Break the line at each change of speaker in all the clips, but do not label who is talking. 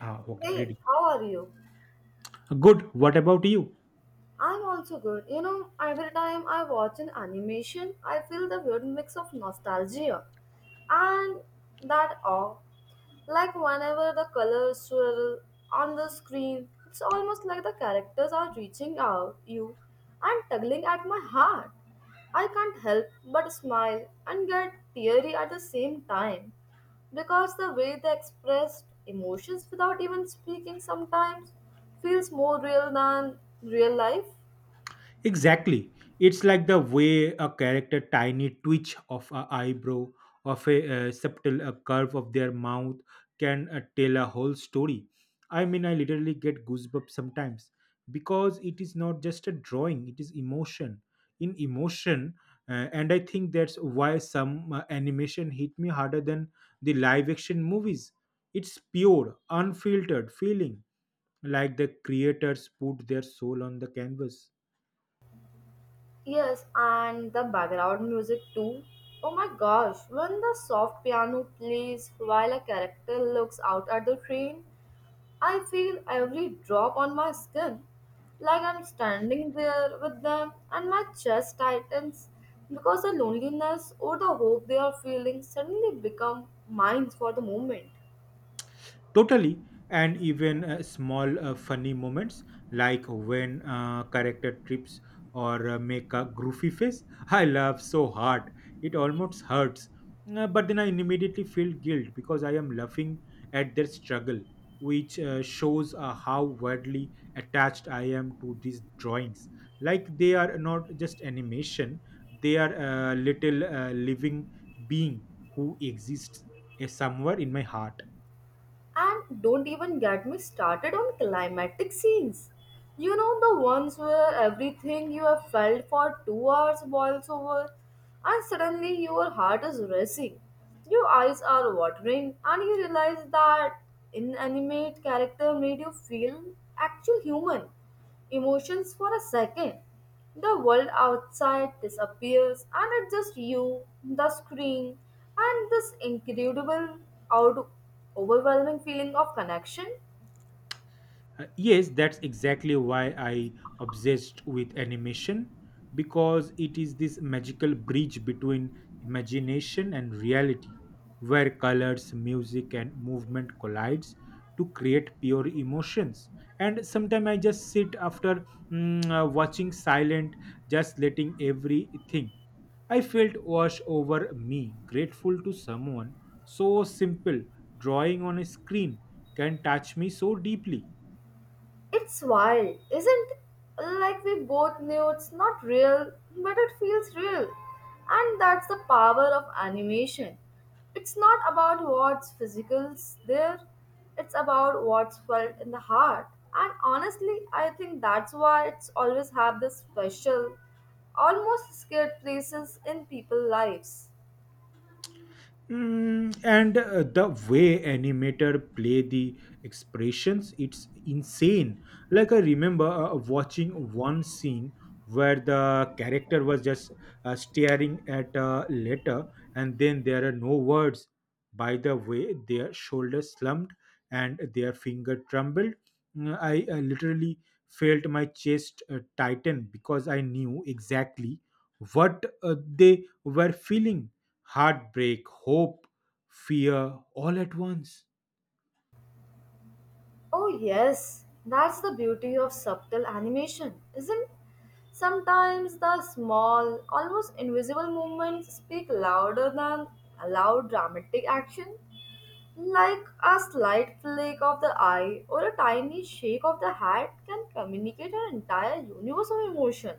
Ah, okay,
Hey,
ready.
how are you?
Good. What about you?
I'm also good. You know, every time I watch an animation, I feel the weird mix of nostalgia and that awe. Like whenever the colors swirl on the screen, it's almost like the characters are reaching out you and tugging at my heart. I can't help but smile and get teary at the same time because the way they expressed emotions without even speaking sometimes feels more real than real life.
Exactly. It's like the way a character tiny twitch of a eyebrow, of a, subtle curve of their mouth can tell a whole story. I mean, I literally get goosebumps sometimes because it is not just a drawing, it is emotion. In emotion, and I think that's why some animation hit me harder than the live action movies. It's pure, unfiltered feeling, like the creators put their soul on the canvas.
Yes, and the background music too. Oh my gosh, when the soft piano plays while a character looks out at the train, I feel every drop on my skin, like I'm standing there with them, and my chest tightens because the loneliness or the hope they are feeling suddenly become mine for the moment.
Totally, and even small funny moments like when character trips or make a goofy face, I laugh so hard it almost hurts. But then I immediately feel guilt because I am laughing at their struggle, which shows how wildly attached I am to these drawings. Like they are not just animation; they are a little living being who exists somewhere in my heart.
And don't even get me started on climatic scenes. You know, the ones where everything you have felt for 2 hours boils over, and suddenly your heart is racing, your eyes are watering, and you realize that inanimate character made you feel actual human emotions for a second. The world outside disappears, and it's just you, the screen, and this incredible, out- overwhelming feeling of connection.
Yes, that's exactly why I obsessed with animation because it is this magical bridge between imagination and reality where colors, music and movement collides to create pure emotions. And sometimes I just sit after watching silent, just letting everything I felt wash over me, grateful to someone so simple, drawing on a screen can touch me so deeply.
It's wild, isn't it? Like we both knew it's not real, but it feels real. And that's the power of animation. It's not about what's physical's there, it's about what's felt in the heart. And honestly, I think that's why it's always have this special, almost scared places in people's lives.
And the way animator play the expressions it's insane, like I remember watching one scene where the character was just staring at a letter and then there are no words by the way their shoulders slumped and their finger trembled. I literally felt my chest tighten because I knew exactly what they were feeling: heartbreak, hope, fear all at once.
Oh, yes, that's the beauty of subtle animation, isn't Sometimes the small, almost invisible movements speak louder than a loud dramatic action, like a slight flick of the eye or a tiny shake of the head can communicate an entire universe of emotion.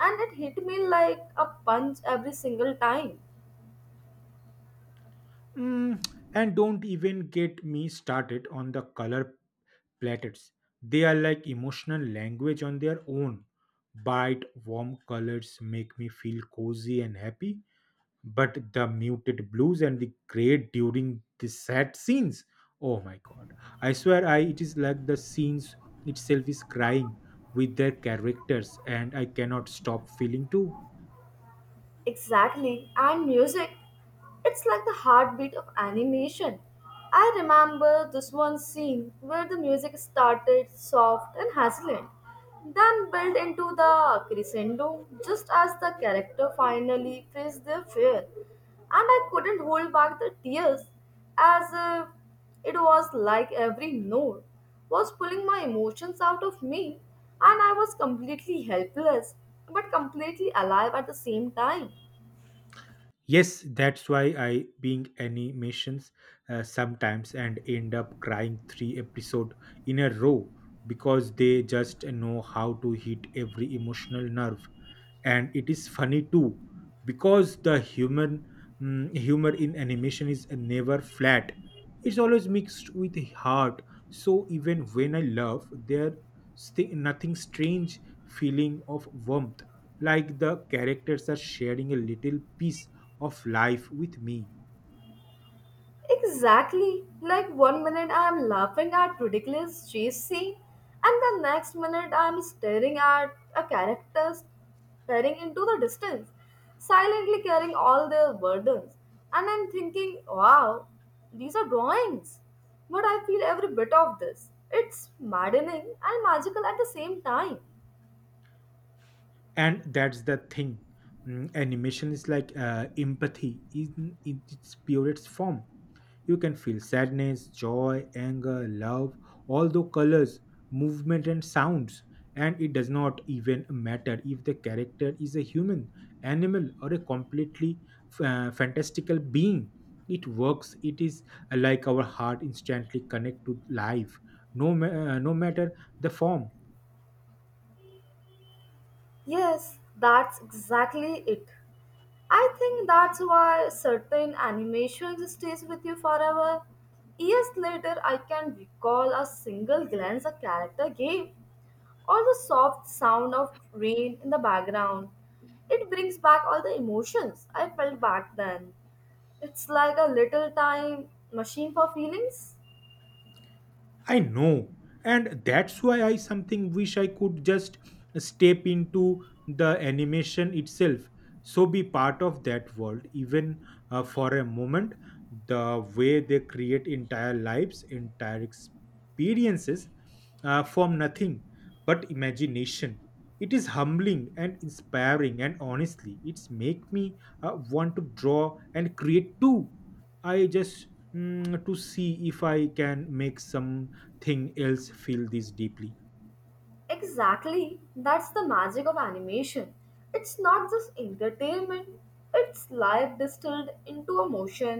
And it hit me like a punch every single time.
Mm, and don't even get me started on the color platters. They are like emotional language on their own. Bright, warm colors make me feel cozy and happy, but the muted blues and the gray during the sad scenes. Oh my god. I swear I it is like the scenes itself is crying with their characters and I cannot stop feeling too.
Exactly, and music. It's like the heartbeat of animation. I remember this one scene where the music started soft and hesitant, then built into the crescendo just as the character finally faced their fear and I couldn't hold back the tears as if it was like every note was pulling my emotions out of me and I was completely helpless but completely alive at the same time.
Yes, that's why I being animations sometimes and end up crying three episode in a row because they just know how to hit every emotional nerve, and it is funny too because the humor in animation is never flat, it's always mixed with heart, so even when I laugh there nothing strange feeling of warmth, like the characters are sharing a little piece of life with me.
Exactly. Like one minute I am laughing at ridiculous chase scene, and the next minute I am staring at a character staring into the distance, silently carrying all their burdens. And I'm thinking, wow, these are drawings. But I feel every bit of this. It's maddening and magical at the same time.
And that's the thing. Animation is like empathy in its purest form. You can feel sadness, joy, anger, love, all the colors, movement and sounds, and it does not even matter if the character is a human, animal or a completely fantastical being, it works. It is like our heart instantly connect to life, no matter the form.
Yes, that's exactly it. I think that's why certain animations stays with you forever. Years later, I can recall a single glance a character gave, or the soft sound of rain in the background. It brings back all the emotions I felt back then. It's like a little time machine for feelings.
I know. And that's why I something wish I could just step into the animation itself. So be part of that world, even for a moment. The way they create entire lives, entire experiences from nothing but imagination. It is humbling and inspiring, and honestly, it's make me want to draw and create too. I just to see if I can make something else feel this deeply.
Exactly, that's the magic of animation. It's not just entertainment, it's life distilled into emotion,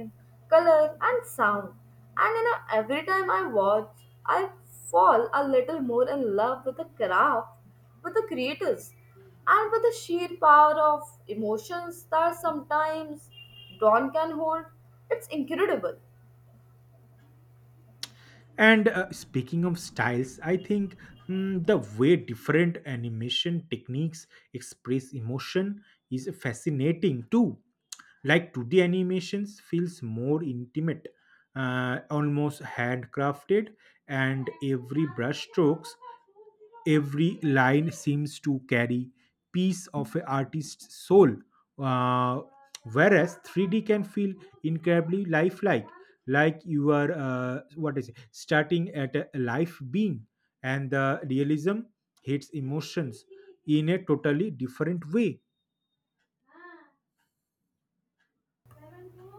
color, and sound. And you know, every time I watch, I fall a little more in love with the craft, with the creators, and with the sheer power of emotions that sometimes Dawn can hold. It's incredible.
And speaking of styles, I think the way different animation techniques express emotion is fascinating too. Like 2D animations feels more intimate, almost handcrafted, and every brush strokes every line seems to carry piece of an artist's soul, uh, whereas 3D can feel incredibly lifelike, like you are what is it, starting at a life being, and the realism hits emotions in a totally different way.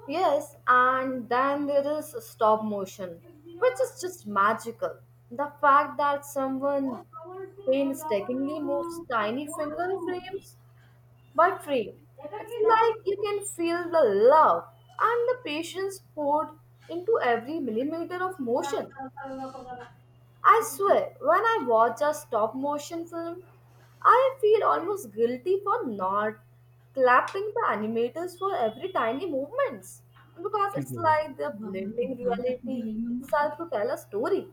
Yes, and then there is stop motion, which is just magical. The fact that someone painstakingly moves tiny finger frames by frame. It's like you can feel the love and the patience poured into every millimeter of motion. I swear, when I watch a stop motion film, I feel almost guilty for not clapping the animators for every tiny movements because
কি
it's
করবো?
like they're blending reality itself to tell a story.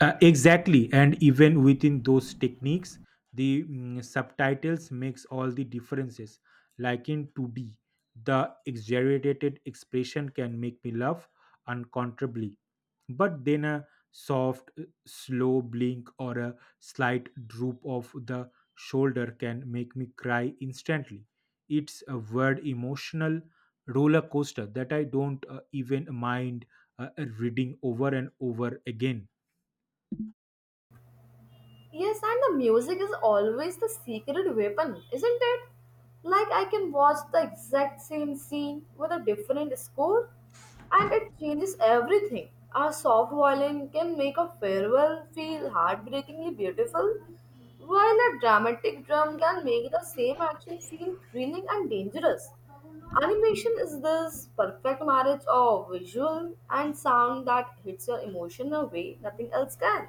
Exactly, and even within those techniques, the subtitles makes all the differences. Like in 2D, the exaggerated expression can make me laugh uncontrollably, but then a soft, slow blink or a slight droop of the shoulder can make me cry instantly. It's a word emotional roller coaster that I don't even mind uh, reading over and over again.
Yes, and the music is always the secret weapon, isn't it? Like I can watch the exact same scene with a different score and it changes everything. A soft violin can make a farewell feel heartbreakingly beautiful, while a dramatic drum can make the same action feel thrilling and dangerous. Animation is this perfect marriage of visual and sound that hits your emotion in a way nothing else can.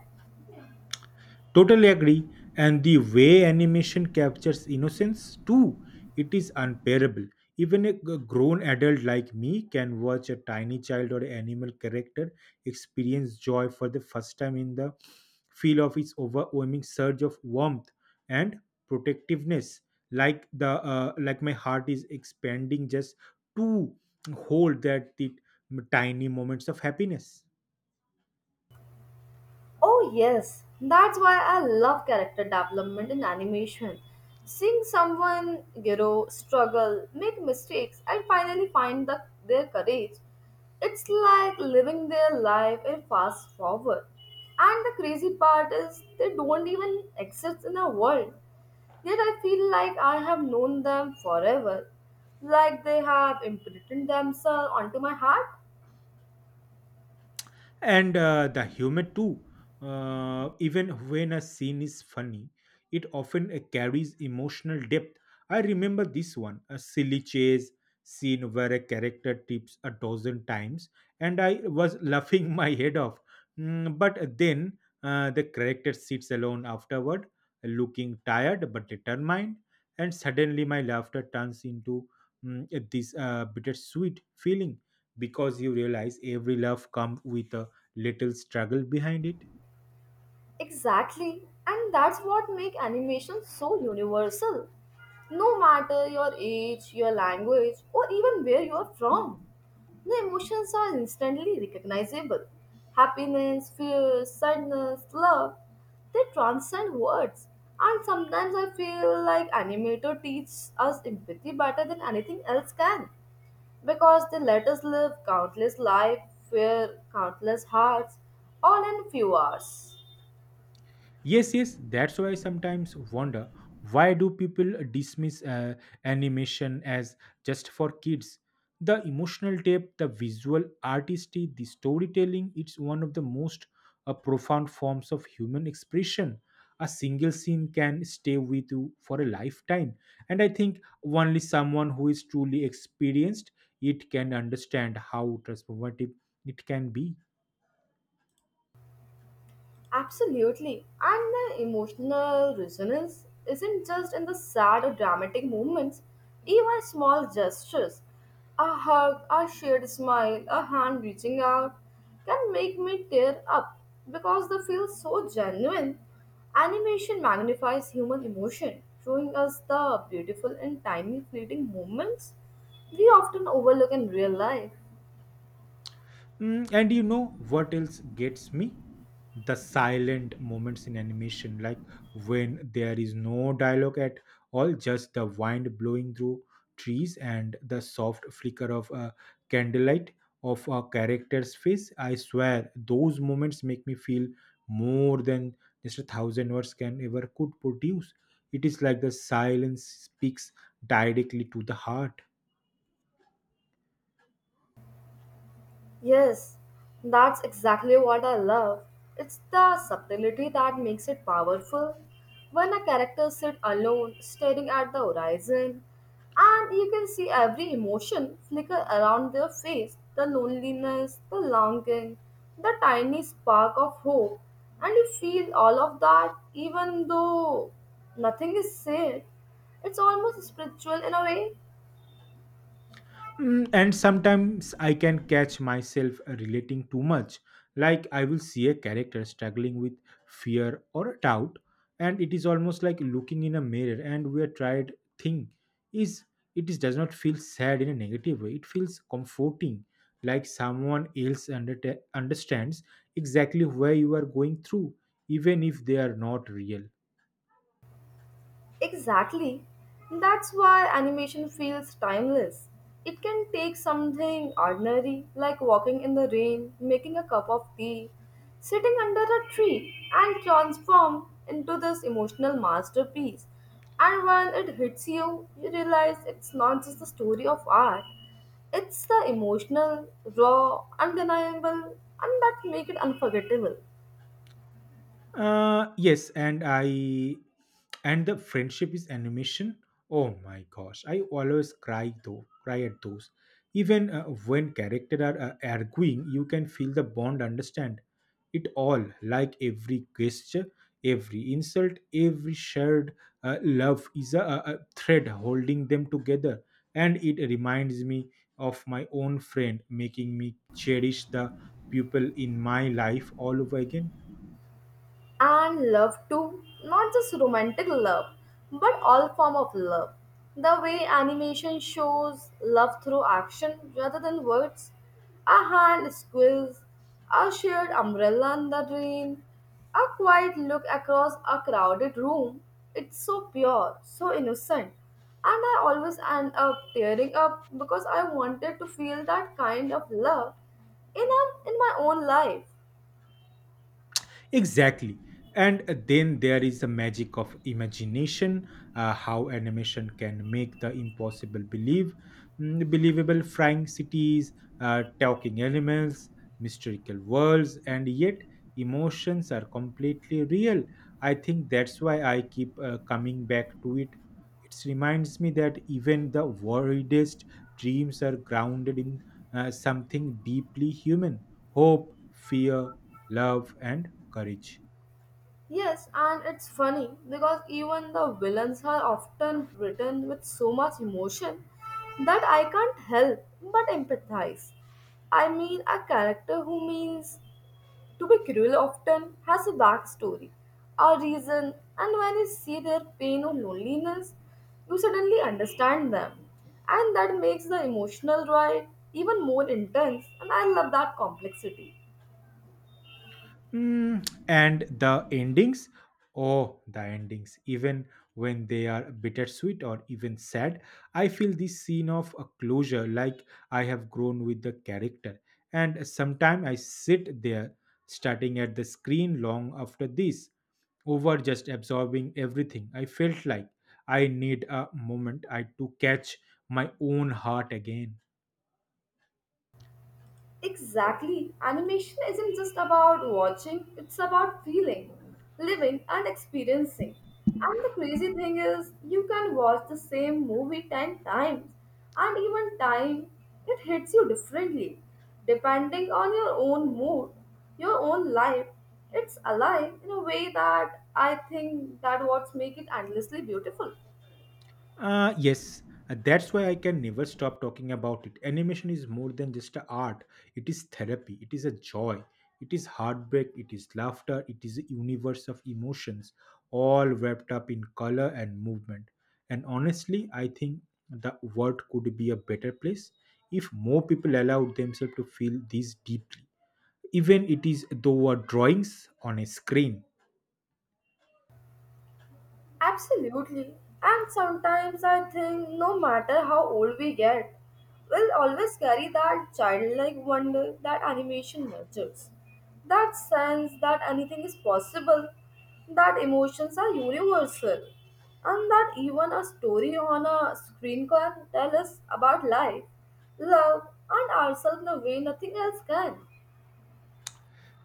Totally agree. And the way animation captures innocence too, it is unbearable. Even a grown adult like me can watch a tiny child or animal character experience joy for the first time in the feel of its overwhelming surge of warmth and protectiveness. Like my heart is expanding just to hold that the tiny moments of happiness.
Oh, yes, that's why I love character development in animation. Seeing someone grow, struggle, make mistakes, and finally find the, their courage, it's like living their life in fast forward. And the crazy part is they don't even exist in our world. Yet I feel like I have known them forever, like they have imprinted themselves onto my heart.
And the humor too, even when a scene is funny it often carries emotional depth. I remember this one a silly chase scene where a character tips a dozen times and I was laughing my head off. But then the character sits alone afterward looking tired but determined, and suddenly my laughter turns into this bittersweet feeling, because you realize every laugh comes with a little struggle behind it.
Exactly, and that's what make animation so universal. No matter your age, your language, or even where you are from, the emotions are instantly recognizable. Happiness, fear, sadness, love, they transcend words. And sometimes I feel like animator teaches us empathy better than anything else can because they let us live countless lives, fear countless hearts, all in few hours.
Yes, yes, that's why I sometimes wonder, why do people dismiss animation as just for kids? The emotional depth, the visual artistry, the storytelling, it's one of the most profound forms of human expression. A single scene can stay with you for a lifetime, and I think only someone who is truly experienced it can understand how transformative it can be.
Absolutely. And the emotional resonance isn't just in the sad or dramatic moments, even small gestures, a hug, a shared smile, a hand reaching out, can make me tear up because they feel so genuine. Animation magnifies human emotion, showing us the beautiful and tiny fleeting moments we often overlook in real life.
And you know what else gets me? The silent moments in animation, like when there is no dialogue at all, just the wind blowing through trees and the soft flicker of a candlelight of a character's face. I swear, those moments make me feel more than just a thousand words can ever could produce. It is like the silence speaks directly to the heart.
Yes, that's exactly what I love. It's the subtlety that makes it powerful. When a character sits alone, staring at the horizon, and you can see every emotion flicker around their face the loneliness, the longing, the tiny spark of hope, and you feel all of that even though nothing is said. It's almost spiritual in a way.
And sometimes I can catch myself relating too much. Like I will see a character struggling with fear or doubt, and it is almost like looking in a mirror and we are tried thing is it is does not feel sad in a negative way. It feels comforting, like someone else understands exactly where you are going through, even if they are not real.
Exactly. That's why animation feels timeless. It can take something ordinary, like walking in the rain, making a cup of tea, sitting under a tree, and transform into this emotional masterpiece. And when it hits you, you realize it's not just the story of art, it's the emotional, raw, undeniable, and that make it unforgettable.
Yes, and the friendship is animation. Oh my gosh, I always cry though, cry at those. Even when characters are arguing, you can feel the bond, understand it all, like every gesture, every insult, every shared love is a thread holding them together, and it reminds me of my own friend, making me cherish the people in my life all over again.
And love too, not just romantic love, but all form of love. The way animation shows love through action rather than words, a hand squeeze, a shared umbrella in the rain, a quiet look across a crowded room, it's so pure, so innocent, and I always end up tearing up because I wanted to feel that kind of love in, in my own life.
Exactly. And then there is the magic of imagination, how animation can make the impossible believable: flying cities, talking animals, mystical worlds, and yet emotions are completely real. I think that's why I keep coming back to it. It reminds me that even the wildest dreams are grounded in something deeply human: hope, fear, love and courage.
Yes, and it's funny because even the villains are often written with so much emotion that I can't help but empathize. I mean, a character who means to be cruel often has a backstory, a reason, and when you see their pain or loneliness, you suddenly understand them. And that makes the emotional ride even more intense, and I love that complexity.
And the endings, oh the endings, even when they are bittersweet or even sad, I feel this scene of a closure, like I have grown with the character, and sometimes I sit there starting at the screen long after this over, just absorbing everything I felt, like I need a moment I to catch my own heart again.
Exactly. Animation isn't just about watching, it's about feeling, living, and experiencing. And the crazy thing is, you can watch the same movie 10 times, and even time, it hits you differently, depending on your own mood, your own life. It's alive in a way that I think that what's make it endlessly beautiful.
Yes, that's why I can never stop talking about it. Animation is more than just a art, it is therapy, it is a joy, it is heartbreak, it is laughter, it is a universe of emotions, all wrapped up in color and movement. And honestly, I think the world could be a better place if more people allowed themselves to feel this deeply. Even it is though a drawings on a screen.
Absolutely. And sometimes I think no matter how old we get, we'll always carry that childlike wonder that animation nurtures. That sense that anything is possible, that emotions are universal, and that even a story on a screen can tell us about life, love, and ourselves in a way nothing else can.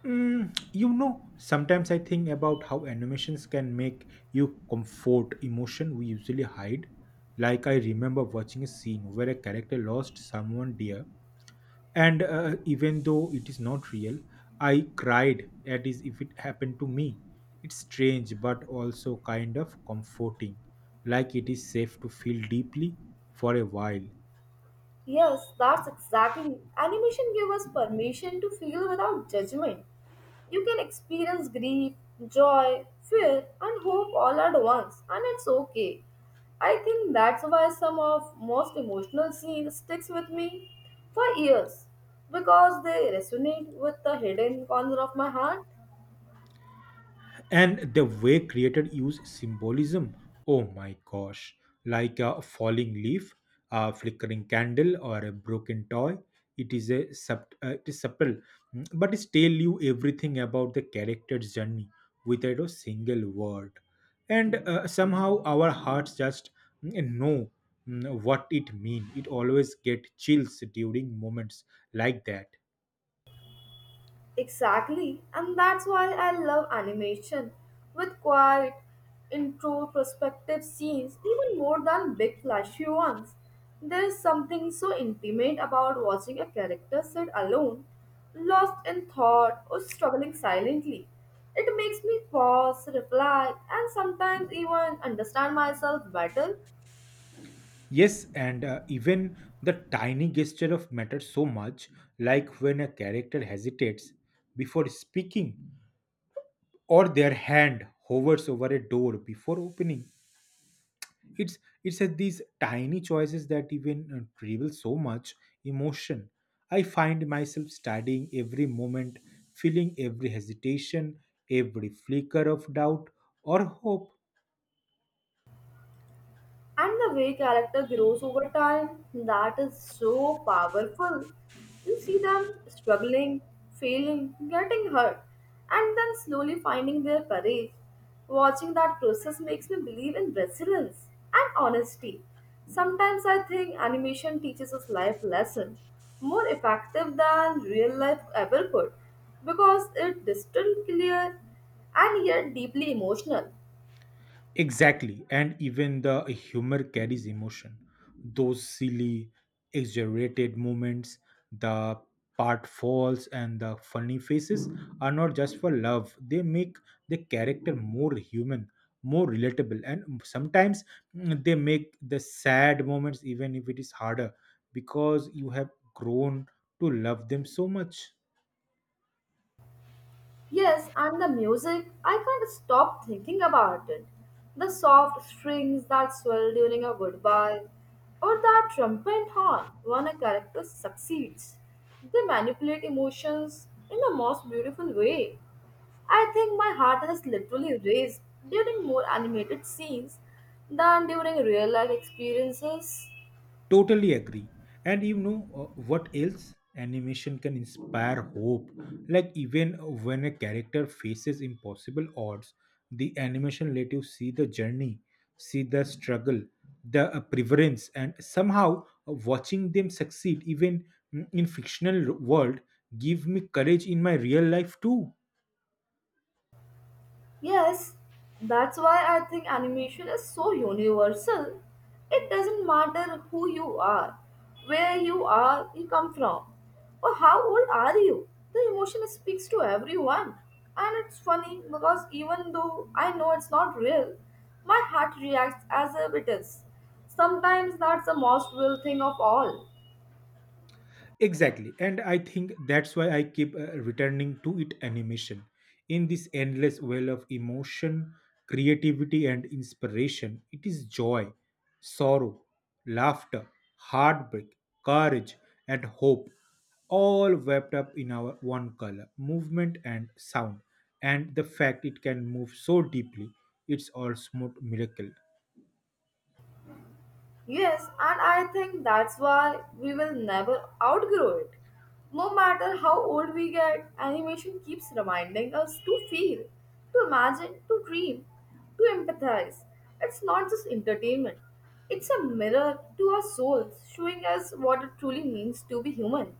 You know, sometimes I think about how animations can make you comfort emotion we usually hide. Like, I remember watching a scene where a character lost someone dear, and even though it is not real, I cried at is if it happened to me. It's strange, but also kind of comforting. Like, it is safe to feel deeply for a while.
Yes, that's exactly. Animation gives us permission to feel without judgment. You can experience grief, joy, fear, and hope all at once, and it's okay. I think that's why some of most emotional scenes sticks with me for years because they resonate with the hidden corner of my heart.
And the way created use symbolism, oh my gosh, like a falling leaf, a flickering candle or a broken toy, it is subtle, but it tell you everything about the character's journey without a single word, and somehow our hearts just know what it mean. It always get chills during moments like that.
Exactly, and that's why I love animation with quiet, introspective scenes even more than big flashy ones. There is something so intimate about watching a character sit alone, lost in thought or struggling silently. It makes me pause, reflect, and sometimes even understand myself better.
Yes, and even the tiny gesture of matters so much, like when a character hesitates before speaking, or their hand hovers over a door before opening. It's it's at these tiny choices that even reveal so much emotion. I find myself studying every moment, feeling every hesitation, every flicker of doubt or hope.
And the way character grows over time, that is so powerful. You see them struggling, failing, getting hurt, and then slowly finding their courage. Watching that process makes me believe in resilience and honesty. Sometimes I think animation teaches us life lesson more effective than real life ever could because it distant clear and yet deeply emotional.
Exactly. And even the humor carries emotion. Those silly, exaggerated moments, the part falls and the funny faces are not just for love. They make the character more human, more relatable. And sometimes they make the sad moments, even if it is harder, because you have grown to love them so much.
Yes, and the music, I can't stop thinking about it. The soft strings that swell during a goodbye, or that trumpet horn when a character succeeds. They manipulate emotions in the most beautiful way. I think my heart has literally raced during more animated scenes than during real life experiences.
Totally agree. And you know what else? Animation can inspire hope. Like even when a character faces impossible odds, the animation let you see the journey, see the struggle, the preference, and somehow watching them succeed, even in fictional world, give me courage in my real life too.
Yes, that's why I think animation is so universal. It doesn't matter who you are, where you are, you come from, or how old are you. The emotion speaks to everyone. And it's funny because even though I know it's not real, my heart reacts as if it is. Sometimes that's the most real thing of all.
Exactly. And I think that's why I keep returning to it animation. In this endless well of emotion, creativity, and inspiration, it is joy, sorrow, laughter, heartbreak, courage, and hope, all wrapped up in our one color, movement, and sound. And the fact it can move so deeply, it's all smooth miracle.
Yes, and I think that's why we will never outgrow it. No matter how old we get, animation keeps reminding us to feel, to imagine, to dream, to empathize. It's not just entertainment, it's a mirror to our souls, showing us what it truly means to be human.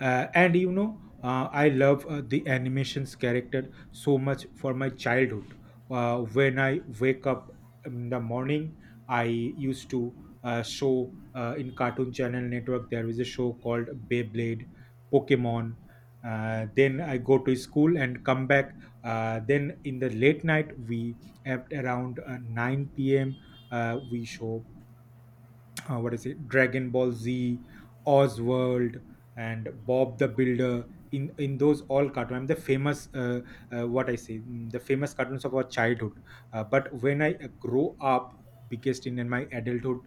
And you know, I love the animations character so much for my childhood. When I wake up in the morning, I used to show in Cartoon Channel Network there was a show called Beyblade, Pokemon. Then I go to school and come back. Then in the late night, we at around 9 p.m. We show what is it dragon ball z, oswald, and bob the builder. In those all cartoons I'm the famous what I say the famous cartoons of our childhood. But when I grow up biggest in my adulthood,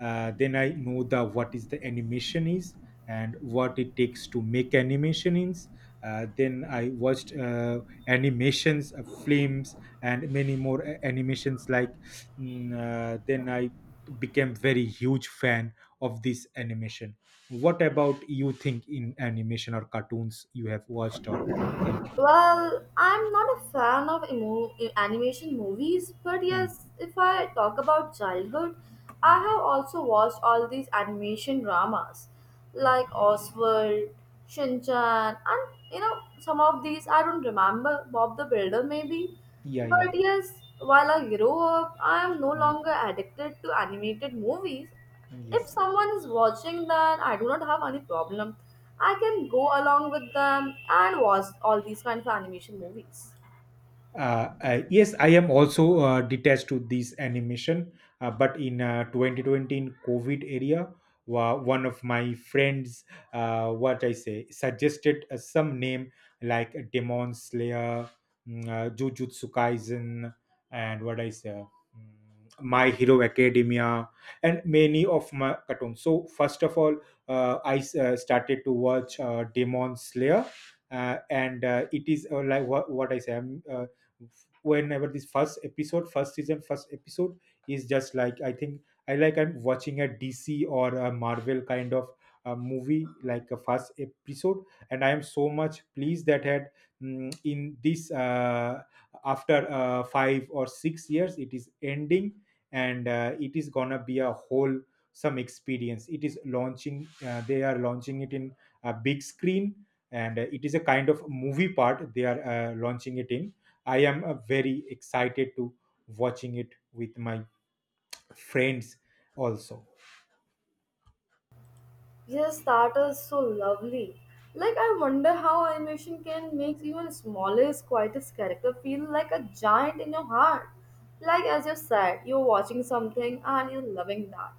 then I know the what is the animation is, and what it takes to make animation is. Then I watched animations films and many more animations like then I became very huge fan of this animation. What about you think in animation or cartoons you have watched or think?
Well, I'm not a fan of animation movies, but
Hmm,
yes, if I talk about childhood, I
hmm,
have also watched all these animation dramas
hmm.
like Oswald, Shin Chan, and you know, some of these I don't remember, Bob the Builder maybe.
Yeah,
But
yeah.
yes, while I grow up, I am no
Hmm,
longer addicted to animated movies. If
yes.
someone is watching, then I do not have any problem. I can go along with them and watch all these kind of animation movies.
Yes, I am also detached to this animation. But in 2020 in covid area, one of my friends what I say suggested some name like demon slayer, jujutsu kaisen, and what I say my hero academia, and many of my cartoons. So first of all, started to watch demon slayer. And It is like what I say whenever this first episode first season first episode is just like I think I like I'm watching a dc or a marvel kind of a movie like a first episode. And I am so much pleased that had in this after 5 or 6 years it is ending, and it is gonna be a whole some experience. It is launching they are launching it in a big screen, and it is a kind of movie part they are launching it in. I am very excited to watching it with my friends also.
Yes, that is so lovely. Like, I wonder how animation can make even smallest, quietest character feel like a giant in your heart. Like, as you said, you're watching something and you're loving that.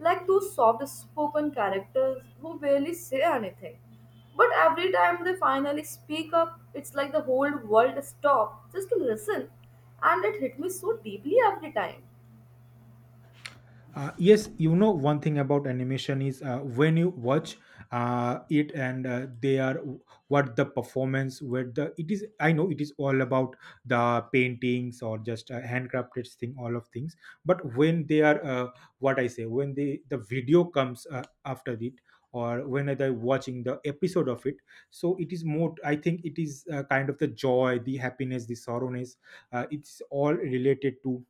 Like, those soft spoken characters who barely say anything. But every time they finally speak up, it's like the whole world stop just to listen. And it hit me so deeply every time.
Yes, you know one thing about animation is when you watch it, and they are what the performance where the it is, I know it is all about the paintings or just handcrafted thing, all of things. But when they are what I say when they the video comes after it, or when they're watching the episode of it, so it is more I think it is kind of the joy, the happiness, the sorrowness. It's all related to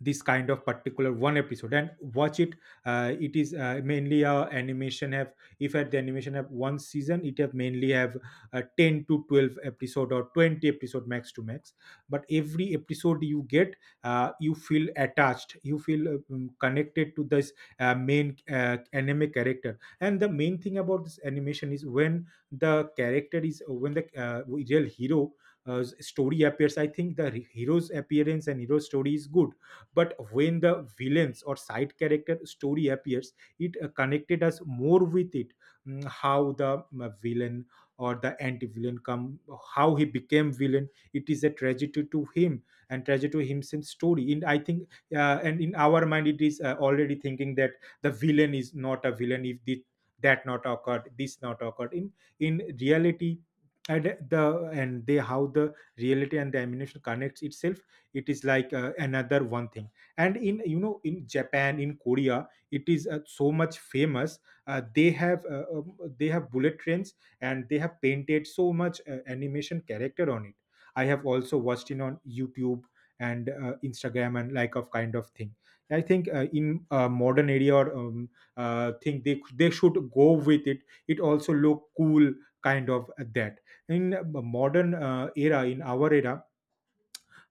this kind of particular one episode and watch it. It is mainly a animation have, if at the animation have one season it have mainly have 10 to 12 episode or 20 episode max to max. But every episode you get you feel attached, you feel connected to this main anime character. And the main thing about this animation is when the character is when the real hero story appears, I think the hero's appearance and hero story is good, but when the villains or side character story appears, it connected us more with it. How the villain or the anti-villain come, how he became villain, it is a tragedy to him and tragedy to himself story in I think. And in our mind it is already thinking that the villain is not a villain if this that not occurred, this not occurred in reality. And the and they how the reality and the animation connects itself, it is like another one thing. And in you know in japan in korea it is so much famous. They have they have bullet trains, and they have painted so much animation character on it. I have also watched it on youtube and instagram and like of kind of thing. I think in modern area or thing, they should go with it. It also look cool, kind of that in modern era, in our era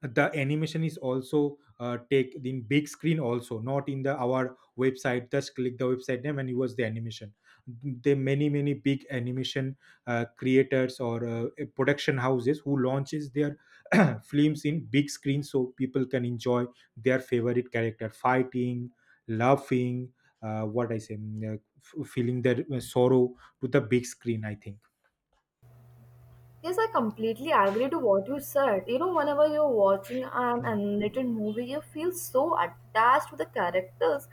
the animation is also take in big screen also, not in the our website just click the website name and use the animation. There many many big animation creators or production houses who launches their films in big screen so people can enjoy their favorite character fighting, laughing, what I say feeling their sorrow, to the big screen I think.
Yes, I completely agree to what you said. You know, whenever you're watching an
Mm.
animated movie, you feel so attached to the characters,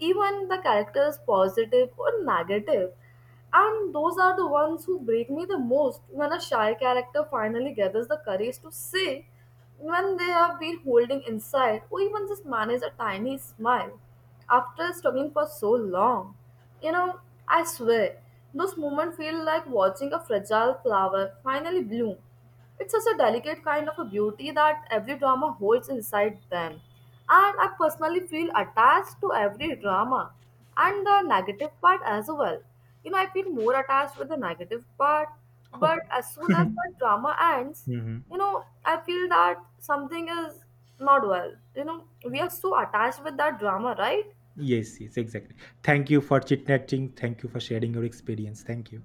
even the characters positive or negative. And those are the ones who break me the most when a shy character finally gathers the courage to say when they have been holding inside or even just manage a tiny smile after struggling for so long. You know, I swear, those moments feel like watching a fragile flower finally bloom. It's such a delicate kind of a beauty that every drama holds inside them. And I personally feel attached to every drama and the negative part as well. You know, I feel more attached with the negative part, but
Oh.
as soon as the drama ends,
Mhm.
you know, I feel that something is not well. You know, we are so attached with that drama, right?
Yes, yes, exactly. Thank you for chit chatting. Thank you for sharing your experience. Thank you.